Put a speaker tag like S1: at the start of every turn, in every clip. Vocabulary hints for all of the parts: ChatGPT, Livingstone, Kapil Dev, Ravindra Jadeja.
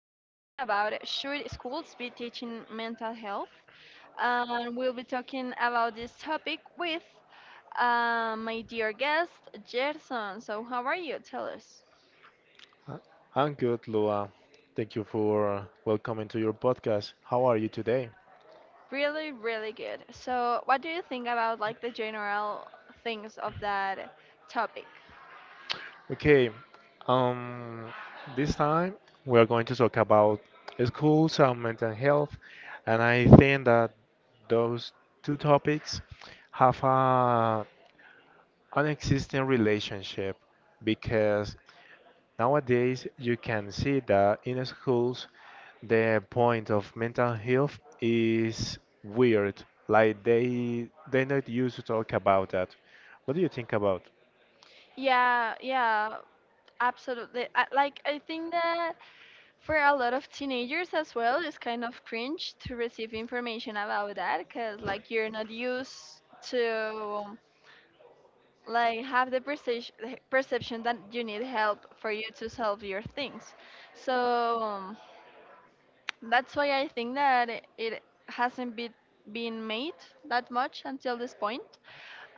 S1: about should schools be teaching mental health, and we'll be talking about this topic with my dear guest Gerson. So how are you? Tell us.
S2: Uh, I'm good, Lua. Thank you for welcoming to your podcast. How are you today?
S1: Really, really good. So what do you think about like the general things of that topic?
S2: Okay, um, this time we are going to talk about schools and mental health, and I think that those two topics have an existing relationship because nowadays, you can see that in schools, the point of mental health is weird. Like they not used to talk about that. What do you think about?
S1: Yeah, yeah, absolutely. Like I think that for a lot of teenagers as well, it's kind of cringe to receive information about that because like you're not used to like have the perception that you need help for you to solve your things. So um, that's why I think that it hasn't been made that much until this point.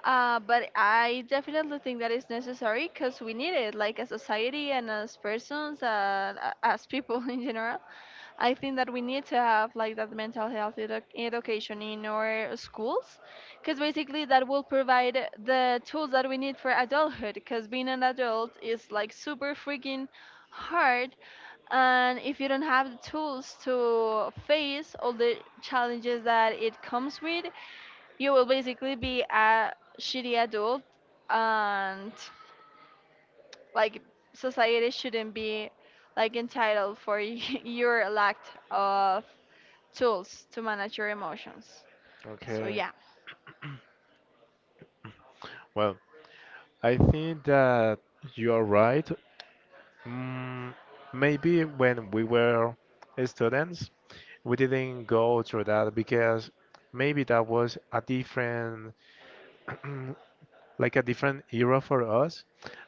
S1: But I definitely think that it's necessary because we need it, like as society and as persons, as people in general. I think that we need to have like that mental health education in our schools, because basically that will provide the tools that we need for adulthood, because being an adult is like super freaking hard, and if you don't have the tools to face all the challenges that it comes with, you will basically be a shitty adult, and like society shouldn't be like entitled for your lack of tools to manage your emotions. So
S2: Okay.
S1: yeah.
S2: Well, I think that you are right. Mm, maybe when we were students, we didn't go through that because maybe that was a different like a different era for us,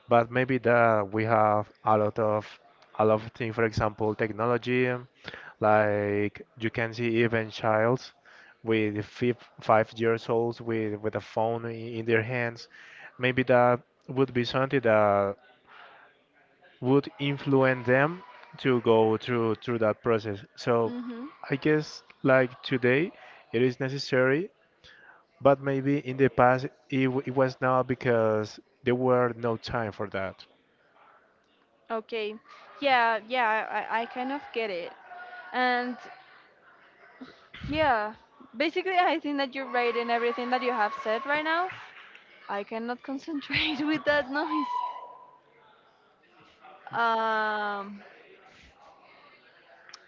S2: but maybe that we have a lot of things. For example, technology, like you can see even childs with 5 years olds with a phone in their hands. Maybe that would be something that would influence them to go through that process. So
S1: Mhm.
S2: I guess like today it is necessary but maybe in the past it was not because there were no time for that.
S1: Okay. Yeah, yeah, I kind of get it. And yeah, basically, I think that you're right in everything that you have said right now. I cannot concentrate with that noise. Um,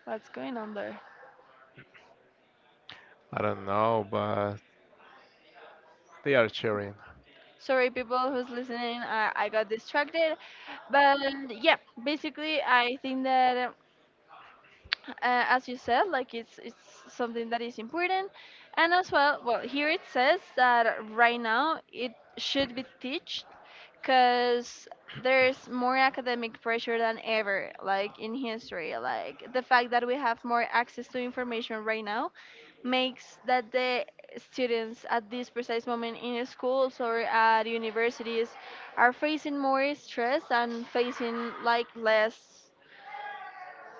S1: what's going on there?
S2: I don't know, but they are sharing.
S1: Sorry, people who's listening, I got distracted. But yeah, basically, I think that as you said, like it's something that is important, and as well, well here it says that right now it should be teached, because there's more academic pressure than ever, like in history. Like the fact that we have more access to information right now makes that the students at this precise moment in schools or at universities are facing more stress and facing like less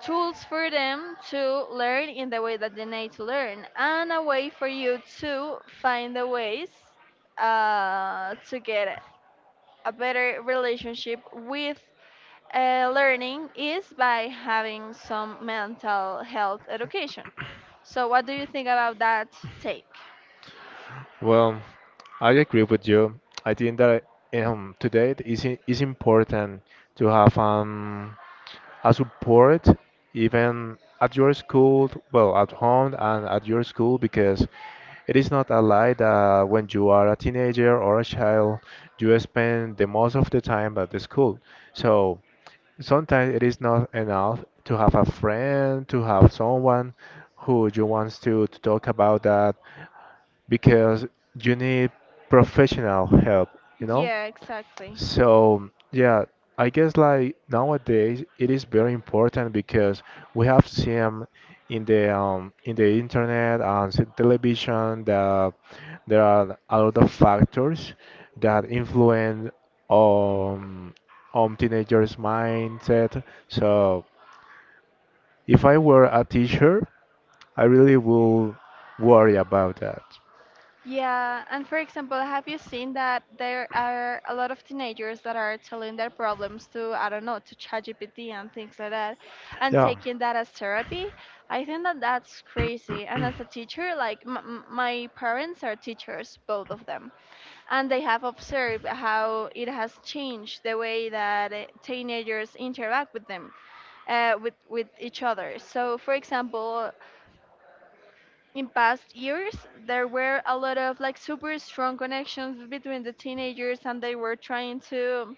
S1: tools for them to learn in the way that they need to learn, and a way for you to find the ways to get a better relationship with learning is by having some mental health education. So, what do you think about that take?
S2: Well, I agree with you. I think that today it's important to have a support even at your school, well, at home and at your school, because it is not a lie that when you are a teenager or a child, you spend the most of the time at the school. So sometimes it is not enough to have a friend, to have someone who you want to talk about that because you need professional help, you know?
S1: Yeah, exactly.
S2: So, yeah, I guess like nowadays it is very important because we have seen in the internet and television that there are a lot of factors that influence um, on teenagers' mindset. So, if I were a teacher, I really will worry about that.
S1: Yeah, and for example, have you seen that there are a lot of teenagers that are telling their problems to, I don't know, to ChatGPT and things like that, and
S2: Yeah.
S1: taking that as therapy? I think that that's crazy. And as a teacher, like my parents are teachers, both of them, and they have observed how it has changed the way that teenagers interact with them with each other. So, for example, in past years there were a lot of like super strong connections between the teenagers and they were trying to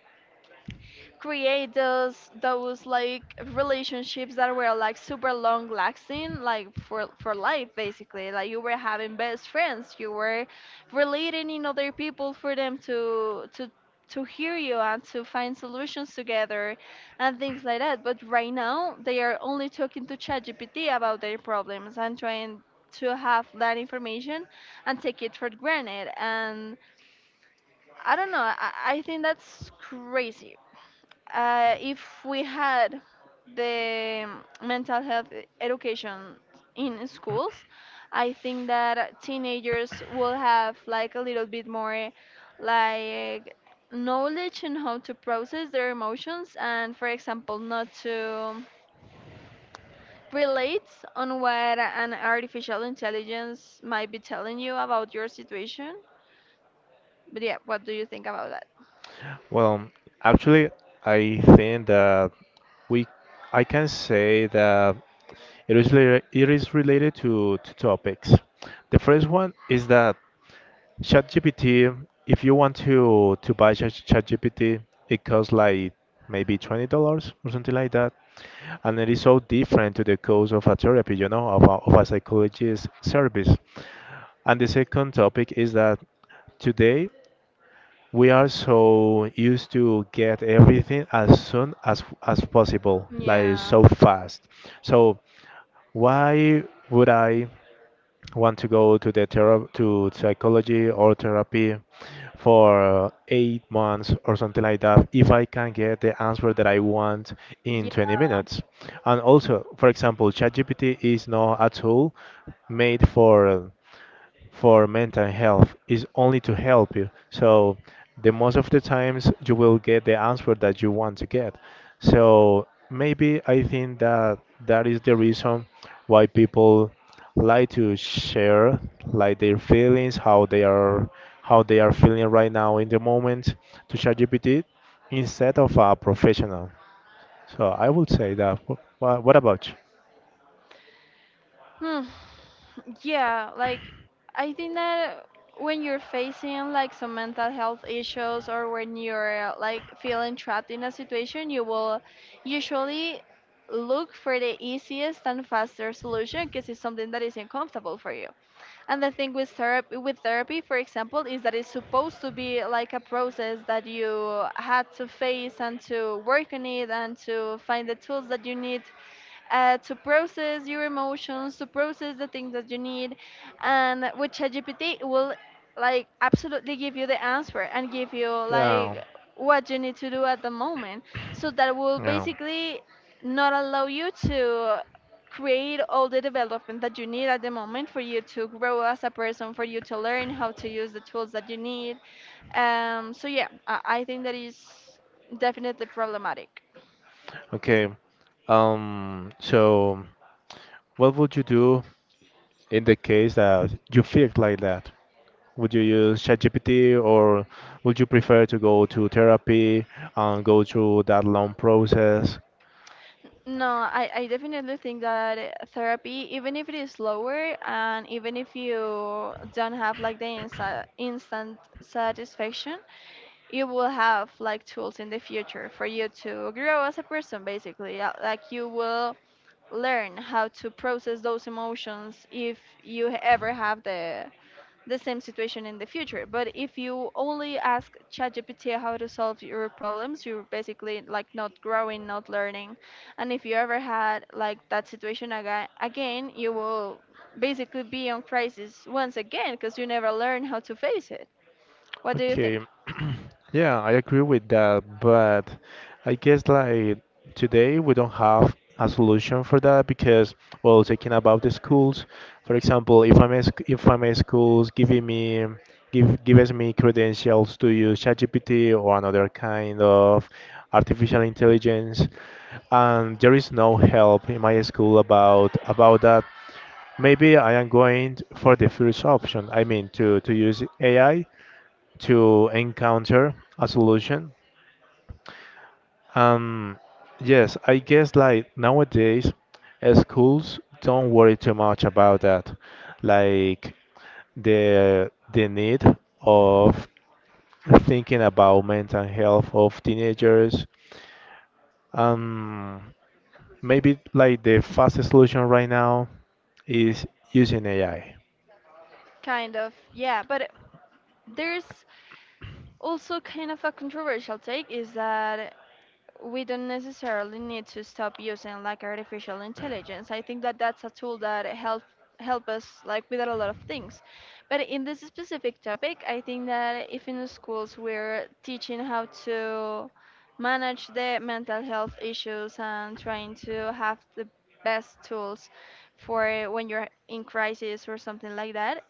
S1: create those like relationships that were like super long lasting like for life, basically. Like you were having best friends, you were relating in other people for them to to hear you and to find solutions together and things like that. But right now they are only talking to ChatGPT about their problems and trying to have that information and take it for granted. And I don't know, I think that's crazy. If we had the mental health education in schools, I think that teenagers will have like a little bit more like knowledge in how to process their emotions and for example not to relate on what an artificial intelligence might be telling you about your situation. But yeah, what do you think about that?
S2: Well, actually, I think that we, I can say that it is related to 2 topics. The first one is that ChatGPT, if you want to buy ChatGPT, it costs like maybe $20 or something like that. And it is so different to the cost of a therapy, you know, of of a psychologist service. And the second topic is that today we are so used to get everything as soon as possible, like
S1: Yeah.
S2: so fast. So why would I want to go to the to psychology or therapy for 8 months or something like that if I can get the answer that I want in 20 minutes. And also, for example, ChatGPT is not a tool made for mental health is only to help you. So the most of the times you will get the answer that you want to get. So maybe I think that that is the reason why people like to share like their feelings, how they are feeling right now in the moment to ChatGPT instead of a professional. So I would say that. What about
S1: Hmm. Yeah, like I think that when you're facing like some mental health issues or when you're like feeling trapped in a situation, you will usually look for the easiest and faster solution because it's something that isn't comfortable for you. And the thing with therapy, for example, is that it's supposed to be like a process that you had to
S2: you?
S1: face and to work on it and to find the tools that you need to process your emotions, to process the things that you need. And with ChatGPT, it will like absolutely give you the answer and give you like
S2: Yeah.
S1: what you need to do at the moment. So that will
S2: Yeah.
S1: basically not allow you to create all the development that you need at the moment for you to grow as a person, for you to learn how to use the tools that you need. So yeah, I think that is definitely problematic.
S2: Okay. So what would you do in the case that you feel like that? Would you use ChatGPT or would you prefer to go to therapy and go through that long process?
S1: No, I definitely think that therapy, even if it is slower and even if you don't have like the insa instant satisfaction, you will have like tools in the future for you to grow as a person, basically. Like you will learn how to process those emotions if you ever have the same situation in the future. But if you only ask ChatGPT how to solve your problems, you're basically like not growing, not learning. And if you ever had like that situation again, you will basically be on crisis once again because you never learn how to face it. What do you think?
S2: Okay. Yeah, I agree with that, but I guess like today we don't have a solution for that because, well, talking about the schools, for example, if I'm a schools giving me gives me credentials to use ChatGPT or another kind of artificial intelligence, and there is no help in my school about that. Maybe I am going for the first option. I mean, to use AI to encounter a solution. Um, yes, I guess like nowadays, schools don't worry too much about that, like the need of thinking about mental health of teenagers. Um, maybe like the fastest solution right now is using AI.
S1: Kind of, yeah. But there's also kind of a controversial take is that we don't necessarily need to stop using like artificial intelligence. I think that that's a tool that help us like with a lot of things. But in this specific topic, I think that if in the schools we're teaching how to manage the mental health issues and trying to have the best tools for when you're in crisis or something like that,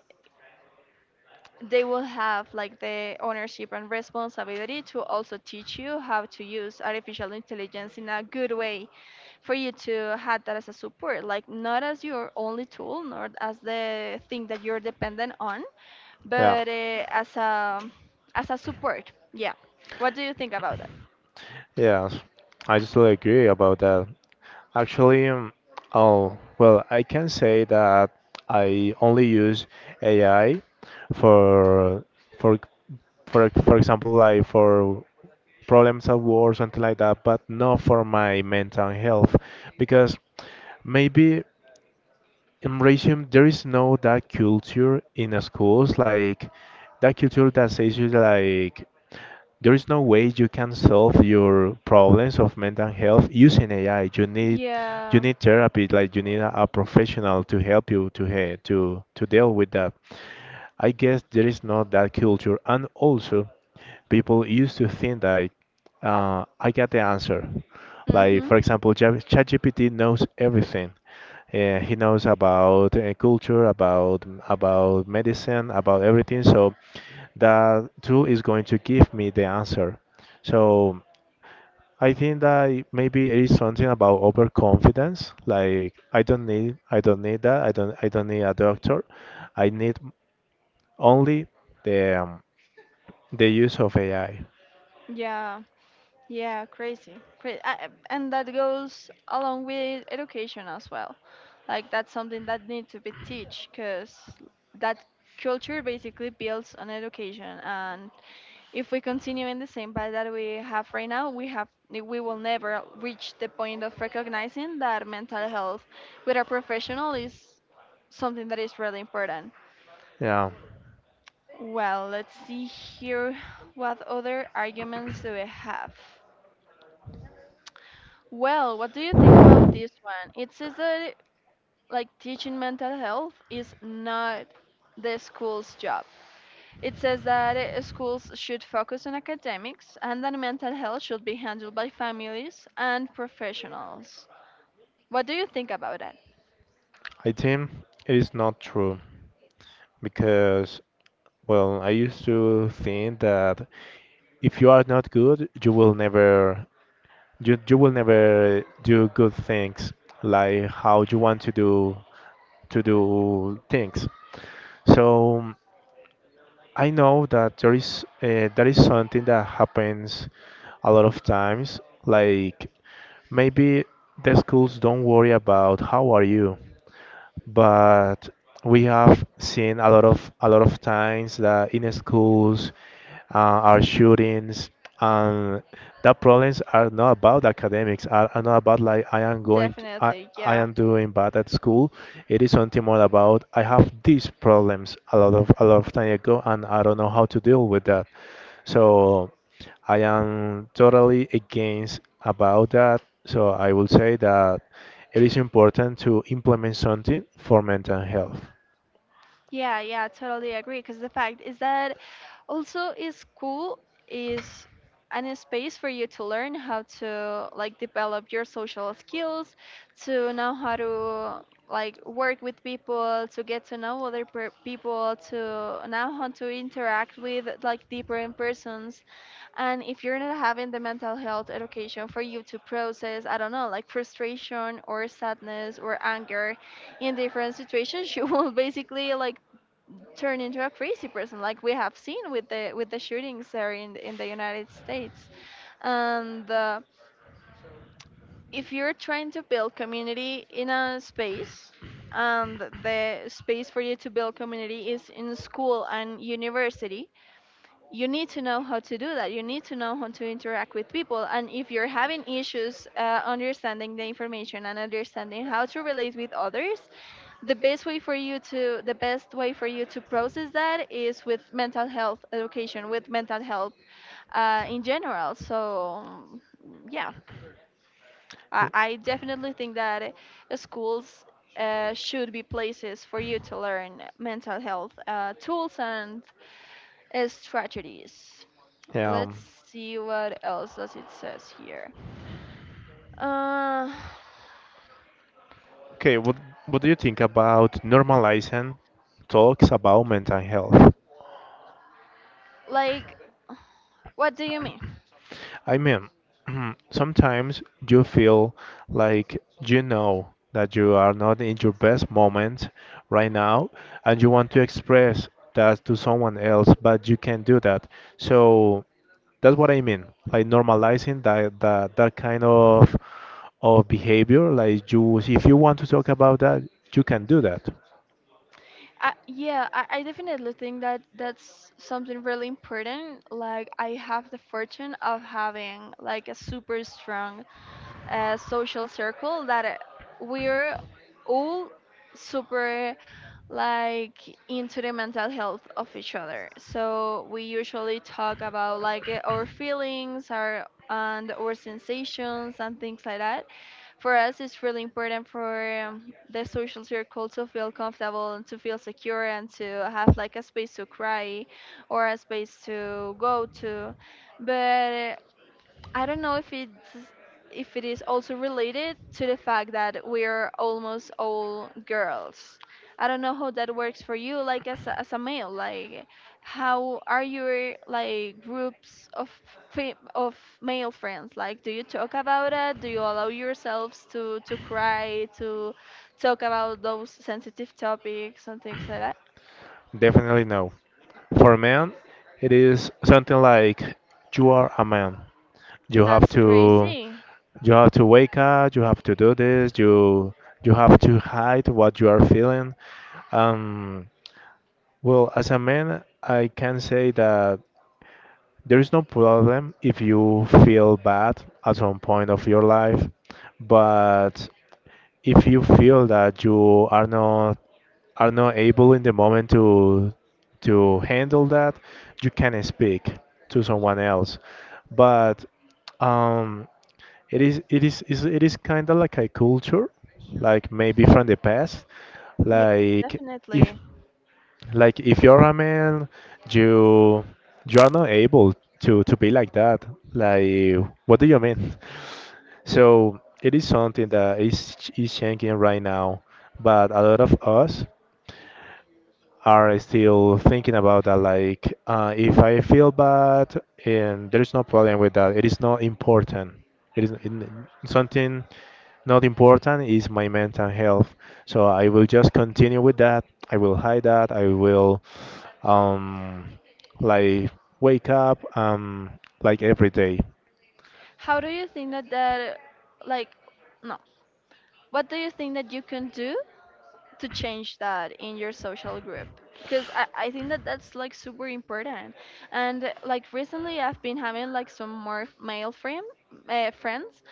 S1: they will have like the ownership and responsibility to also teach you how to use artificial intelligence in a good way for you to have that as a support, like not as your only tool, not as the thing that you're dependent on,
S2: Yeah.
S1: but as a support. Yeah, what do you think about that?
S2: Yes, I totally agree about that. Actually, oh, well, I can say that I only use AI for for for example, like for problems at work, something like that, but not for my mental health, because maybe in Racing there is no that culture in the schools, like that culture that says you like there is no way you can solve your problems of mental health using AI. You need
S1: Yeah.
S2: therapy, like you need a professional to help you to he- to deal with that. I guess there is not that culture, and also people used to think that I got the answer. Like
S1: Mhm.
S2: for example, ChatGPT knows everything. He knows about culture, about medicine, about everything. So that tool is going to give me the answer. So I think that maybe it is something about overconfidence. Like I don't need that. I don't need a doctor. I need only the um, the use of AI.
S1: Yeah. Yeah, crazy. And that goes along with education as well. Like that's something that needs to be teach because that culture basically builds on education. And if we continue in the same path that we have right now, we will never reach the point of recognizing that mental health with a professional is something that is really important.
S2: Yeah,
S1: Well, let's see here. What other arguments do we have? Well, what do you think about this one? It says that like teaching mental health is not the school's job. It says that schools should focus on academics and that mental health should be handled by families and professionals. What do you think about that?
S2: I think it is not true because well, I used to think that if you are not good, you you will never do good things like how you want to do things. So I know that there is that is something that happens a lot of times. Like maybe the schools don't worry about how are you, but we have seen a lot of times that in schools uh, are shootings and the problems are not about academics are not about like I am going to,
S1: Definitely,
S2: I
S1: yeah.
S2: am doing bad at school it is something more about I have these problems a lot of time ago and I don't know how to deal with that so I am totally against about that so I will say that it is important to implement something for mental health.
S1: Yeah, yeah, totally agree. Because the fact is that also is cool is an space for you to learn how to like develop your social skills, to know how to like work with people, to get to know people, to know how to interact with like different persons. And if you're not having the mental health education for you to process, I don't know, like frustration or sadness or anger in different situations, you will basically like turn into a crazy person, like we have seen with the shootings there in the United States. And if you're trying to build community in a space, and the space for you to build community is in school and university, you need to know how to do that, you need to know how to interact with people. And if you're having issues understanding the information and understanding how to relate with others, the best way for you to process that is with mental health education, with mental health in general. So yeah, I definitely think that schools should be places for you to learn mental health tools and strategies.
S2: Yeah.
S1: Let's see what else does it says here. Uh,
S2: Okay, what do you think about normalizing talks about mental health?
S1: like what do you mean?
S2: I mean, sometimes you feel like you know that you are not in your best moment right now and you want to express that to someone else, but you can't do that. So that's what I mean, like normalizing that kind of behavior, like you if you want to talk about that, you can do that.
S1: I definitely think that that's something really important. Like, I have the fortune of having like a super strong social circle that we're all super like into the mental health of each other. So we usually talk about like our feelings, our sensations and things like that. For us, it's really important for the social circle to feel comfortable and to feel secure and to have like a space to cry or a space to go to. But I don't know if it's if it is also related to the fact that we're almost all girls. I don't know how that works for you, like as a male. Like, how are your like groups of of male friends? Like, do you talk about it? Do you allow yourselves to cry, to talk about those sensitive topics and things like that?
S2: Definitely no. For a man, it is something like you are a man. You have
S1: That's
S2: to
S1: crazy.
S2: you have to wake up. You have to do this. You have to hide what you are feeling. Um, well, as a man, I can say that there is no problem if you feel bad at some point of your life, but if you feel that you are not able in the moment to handle that, you can speak to someone else. But um, it is kind of like a culture, like maybe from the past,
S1: Yeah,
S2: like if
S1: definitely.
S2: like if you're a man, you you are not able to be like that. Like what do you mean? So it is something that is changing right now, but a lot of us are still thinking about that. Like, if I feel bad, and there is no problem with that. It is not important. It is it- something not important is my mental health. So I will just continue with that. I will hide that. I will um, like wake up like every day.
S1: How do you think that that like no what do you think that you can do to change that in your social group? Because I think that that's like super important. And like recently, I've been having like some more friends,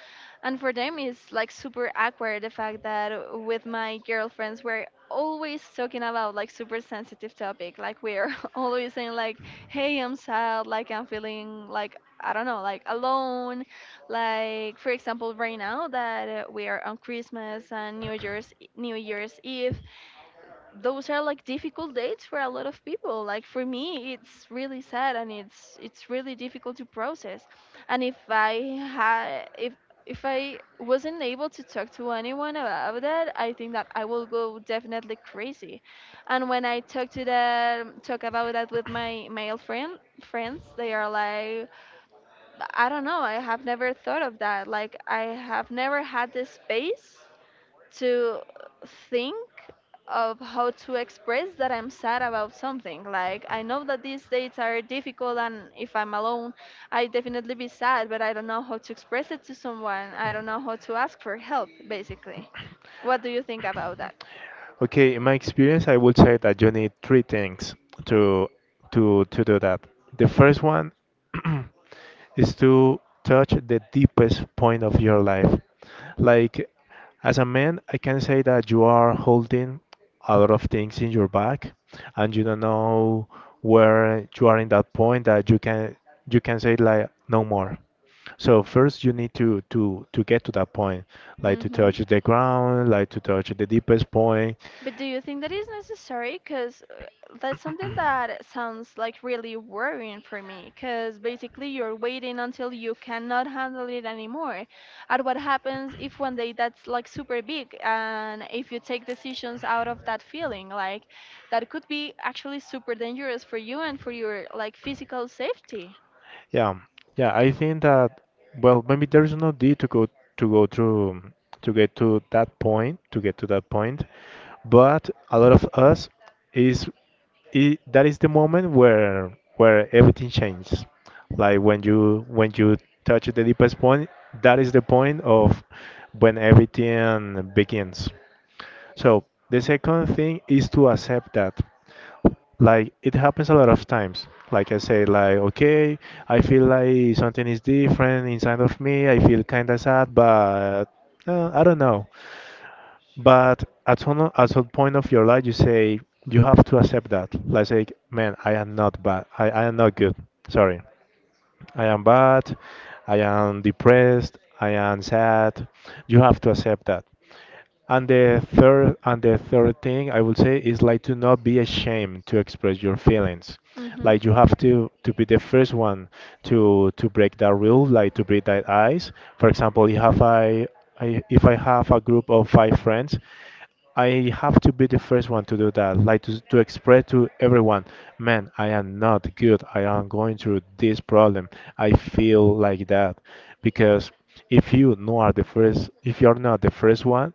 S1: and for them, it's like super awkward the fact that with my girlfriends, we're always talking about like super sensitive topic. Like we're always saying like, "Hey, I'm sad. Like I'm feeling like I don't know, like alone. Like for example, right now that we are on Christmas and New Year's Eve, those are like difficult dates for a lot of people. Like for me, it's really sad and it's really difficult to process. And if I wasn't able to talk to anyone about that, I think that I will go definitely crazy. And when I talk about that with my male friend friends, they are like I don't know. I have never thought of that. Like I have never had the space to think of how to express that I'm sad about something. Like I know that these dates are difficult and if I'm alone, I definitely be sad, but I don't know how to express it to someone. I don't know how to ask for help basically. What do you think about that?
S2: Okay, in my experience, I would say that you need 3 things to to do that. The first one is to touch the deepest point of your life. Like as a man, I can say that you are holding a lot of things in your back, and you don't know where you are in that point that you can say like no more. So first you need to get to that point, like to
S1: Mm-hmm.
S2: touch the ground, like to touch the deepest point.
S1: But do you think that is necessary? Because that's something that sounds like really worrying for me. Because basically, you're waiting until you cannot handle it anymore. And what happens if one day that's like super big, and if you take decisions out of that feeling, like that could be actually super dangerous for you and for your like physical safety.
S2: Yeah, yeah, I think that well, maybe there is no need to go through to get to that point, but a lot of us is I that is the moment where everything changes. Like when you touch the deepest point, that is the point of when everything begins. So the second thing is to accept that. Like it happens a lot of times. Like I say, like okay, I feel like something is different inside of me. I feel kind of sad, but I don't know. But at some point of your life, you say you have to accept that. Like say, man, I am not good. Sorry, I am bad. I am depressed. I am sad. You have to accept that. And the third thing I would say is like to not be ashamed to express your feelings. Like you have to be the first one to break that rule, like to break that ice. For example, if I have a group of five friends, I have to be the first one to do that, like to express to everyone, man, I am not good. I am going through this problem. I feel like that. Because if you no are the first, if you're not the first one,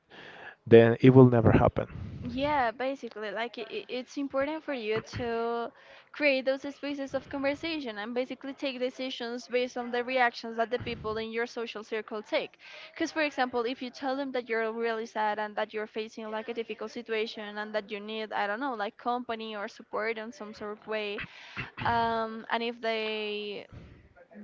S2: then it will never happen.
S1: Yeah, basically, like it's important for you to create those spaces of conversation and basically take decisions based on the reactions that the people in your social circle take. Because, for example, if you tell them that you're really sad and that you're facing like a difficult situation and that you need, I don't know, like company or support in some sort of way, and if they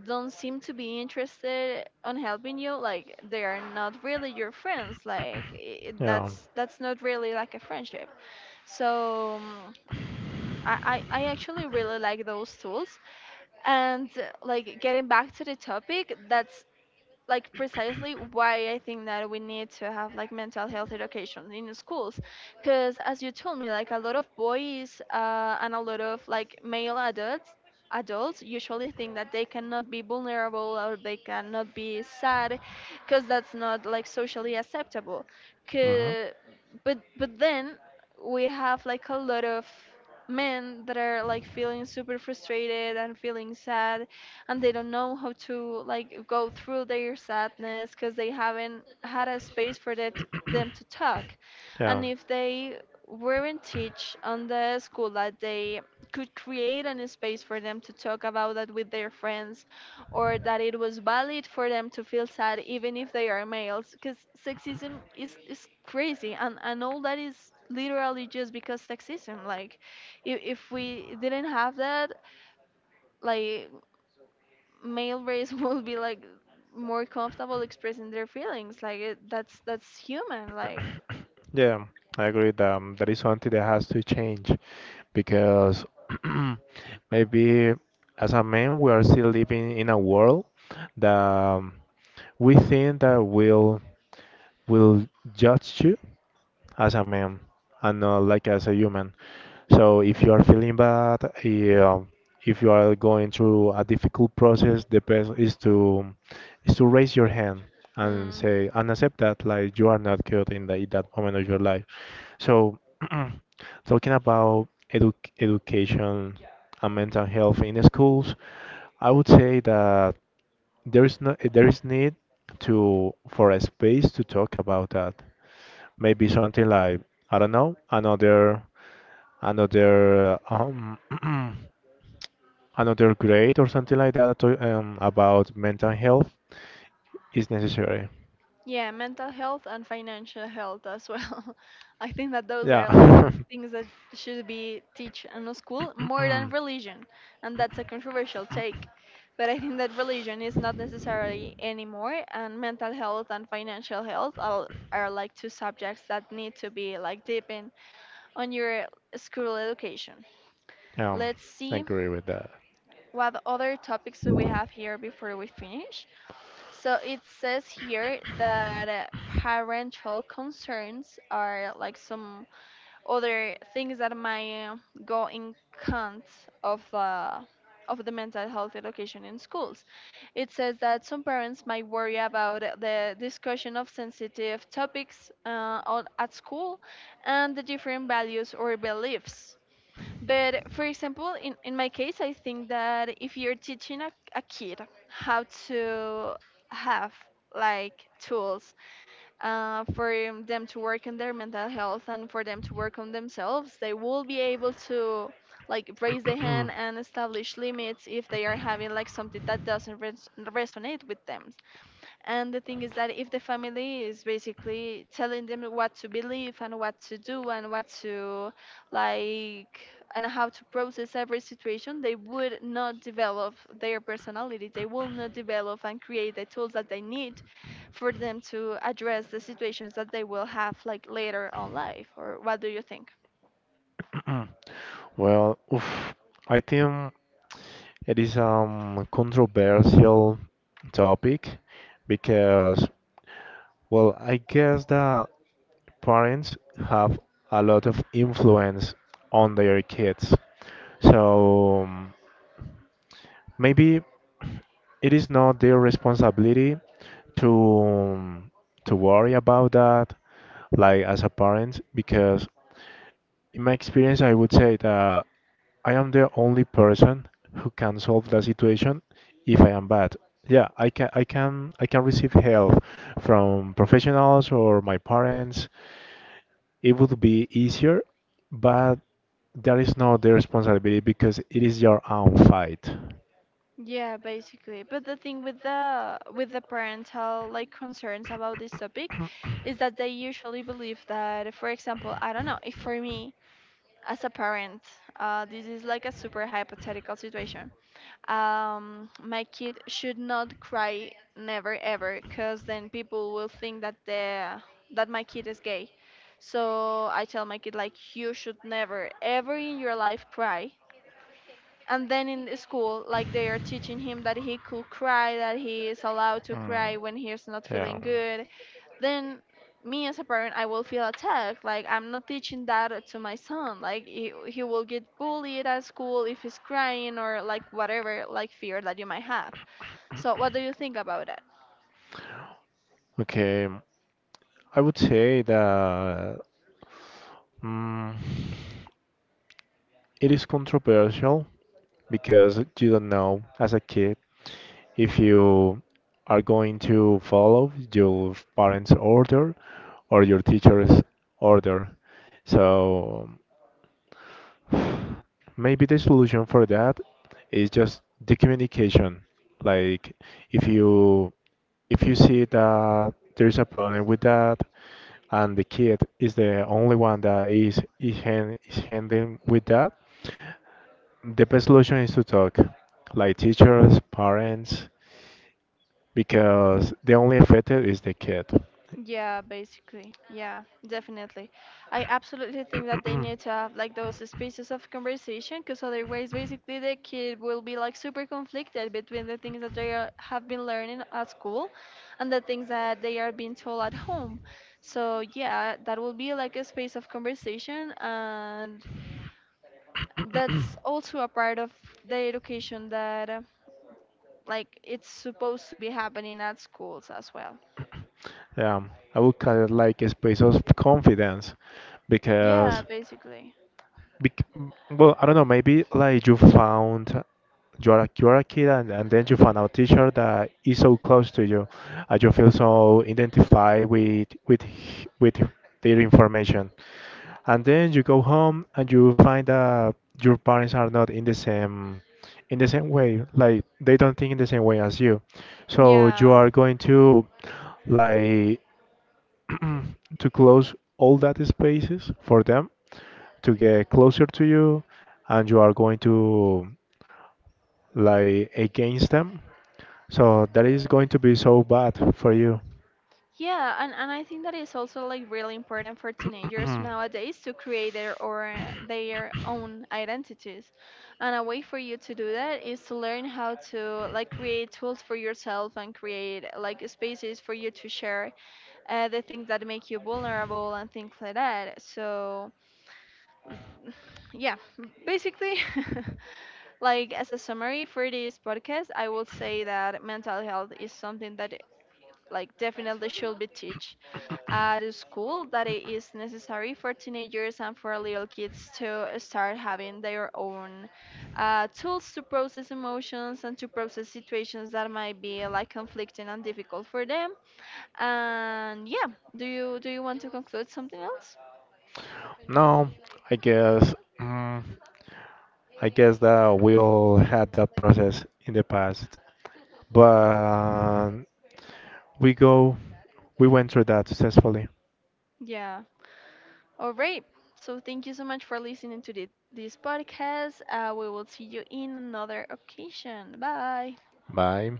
S1: don't seem to be interested on helping you, like they are not really your friends. Like I
S2: Yeah.
S1: that's not really like a friendship so I actually really like those tools. And like getting back to the topic, that's like precisely why I think that we need to have like mental health education in the schools, because as you told me, like a lot of boys and a lot of like male adults adults usually think that they cannot be vulnerable or they cannot be sad because that's not like socially acceptable
S2: hmm
S1: 'Cause- but then we have like a lot of men that are like feeling super frustrated and feeling sad and they don't know how to like go through their sadness because they haven't had a space for that, them to talk
S2: Yeah.
S1: and if they weren't teach on the school that they could create a space for them to talk about that with their friends or that it was valid for them to feel sad even if they are males because is crazy and all that is literally just because sexism like if we didn't have that like male race will be like more comfortable expressing their feelings like it, that's human like
S2: Yeah, I agree that that is something that has to change because maybe as a man we are still living in a world that we think that will judge you as a man and not like as a human. So if you are feeling bad, yeah, if you are going through a difficult process, the best is to raise your hand and
S1: hmm.
S2: say and accept that like you are not good in that moment of your life. So talking about education and mental health in schools, I would say that there is no there is need to for a space to talk about that. Maybe something like I don't know another another grade or something like that to about mental health is necessary.
S1: Yeah, mental health and financial health as well. I think that those are like
S2: Yeah.
S1: things that should be teach in a school more than religion, and that's a controversial take, but I think that religion is not necessarily anymore and mental health and financial health are like two subjects that need to be like deep in on your school education.
S2: Um,
S1: Let's
S2: I
S1: see
S2: agree with that.
S1: what other topics do we have here before we finish. So it says here that parental concerns are like some other things that might go in count of the of the mental health education in schools. It says that some parents might worry about the discussion of sensitive topics at school and the different values or beliefs, but for example, in my case, I think that if you're teaching a kid how to have like tools for them to work on their mental health and for them to work on themselves, they will be able to like raise the hand and establish limits if they are having like something that doesn't resonate with them. And the thing is that if the family is basically telling them what to believe and what to do and what to like and how to process every situation, they would not develop their personality. They will not develop and create the tools that they need for them to address the situations that they will have like later on life. Or what do you think?
S2: Well, oof, I think. It is controversial topic because, well, I guess that parents have a lot of influence on their kids. So maybe it is not their responsibility to to worry about that, like as a parent, because in my experience, I would say that I am the only person who can solve the situation if I am bad. Yeah, I can receive help from professionals or my parents. It would be easier, but that is not their responsibility because it is your own fight.
S1: Yeah, basically. But the thing with the parental like concerns about this topic is that they usually believe that, for example, I don't know, if for me as a parent, this is like a super hypothetical situation. My kid should not cry never ever, because then people will think that the that my kid is gay. So I tell my kid like you should never ever in your life cry, and then in the school like they are teaching him that he could cry, that he is allowed to cry when he is not feeling good, then me as a parent I will feel attacked like I'm not teaching that to my son, like he will get bullied at school if he's crying or like whatever like fear that you might have. So what do you think about it?
S2: Okay, I would say that mm, it is controversial because you don't know as a kid if you are going to follow your parents' order or your teacher's order. So maybe the solution for that is just the communication. Like if you if you see that there's a problem with that and the kid is the only one that is handling with that, the best solution is to talk. Like teachers, parents, because the only affected is the kid.
S1: Yeah, basically. Yeah, definitely. I absolutely think that they need to have like those spaces of conversation because otherwise, basically, the kid will be like super conflicted between the things that they are, have been learning at school and the things that they are being told at home. So, yeah, that will be like a space of conversation. And that's also a part of the education that like it's supposed to be happening at schools as well.
S2: I would call it like a space of confidence
S1: Yeah,
S2: because,
S1: basically.
S2: bec well, I don't know, maybe like you are you are a kid and then you found a teacher that is so close to you and you feel so identified with with their information, and then you go home and you find that your parents are not in the same in the same way, like they don't think in the same way as you, so you
S1: Yeah.
S2: are going to like to close all that spaces for them to get closer to you, and you are going to like against them, so that is going to be so bad for you.
S1: Yeah, and I think that is also like really important for teenagers nowadays to create their own identities. And a way for you to do that is to learn how to like create tools for yourself and create like spaces for you to share the things that make you vulnerable and things like that. So yeah, basically like as a summary for this podcast I will say that mental health is something that like definitely should be teach at a school, that it is necessary for teenagers and for little kids to start having their own tools to process emotions and to process situations that might be like conflicting and difficult for them. And yeah, do you want to conclude something else?
S2: No, I guess, mm, I guess that we all had that process in the past, but we go we went through that successfully.
S1: Yeah, all right, so thank you so much for listening to this podcast. We will see you in another occasion. Bye.
S2: Bye.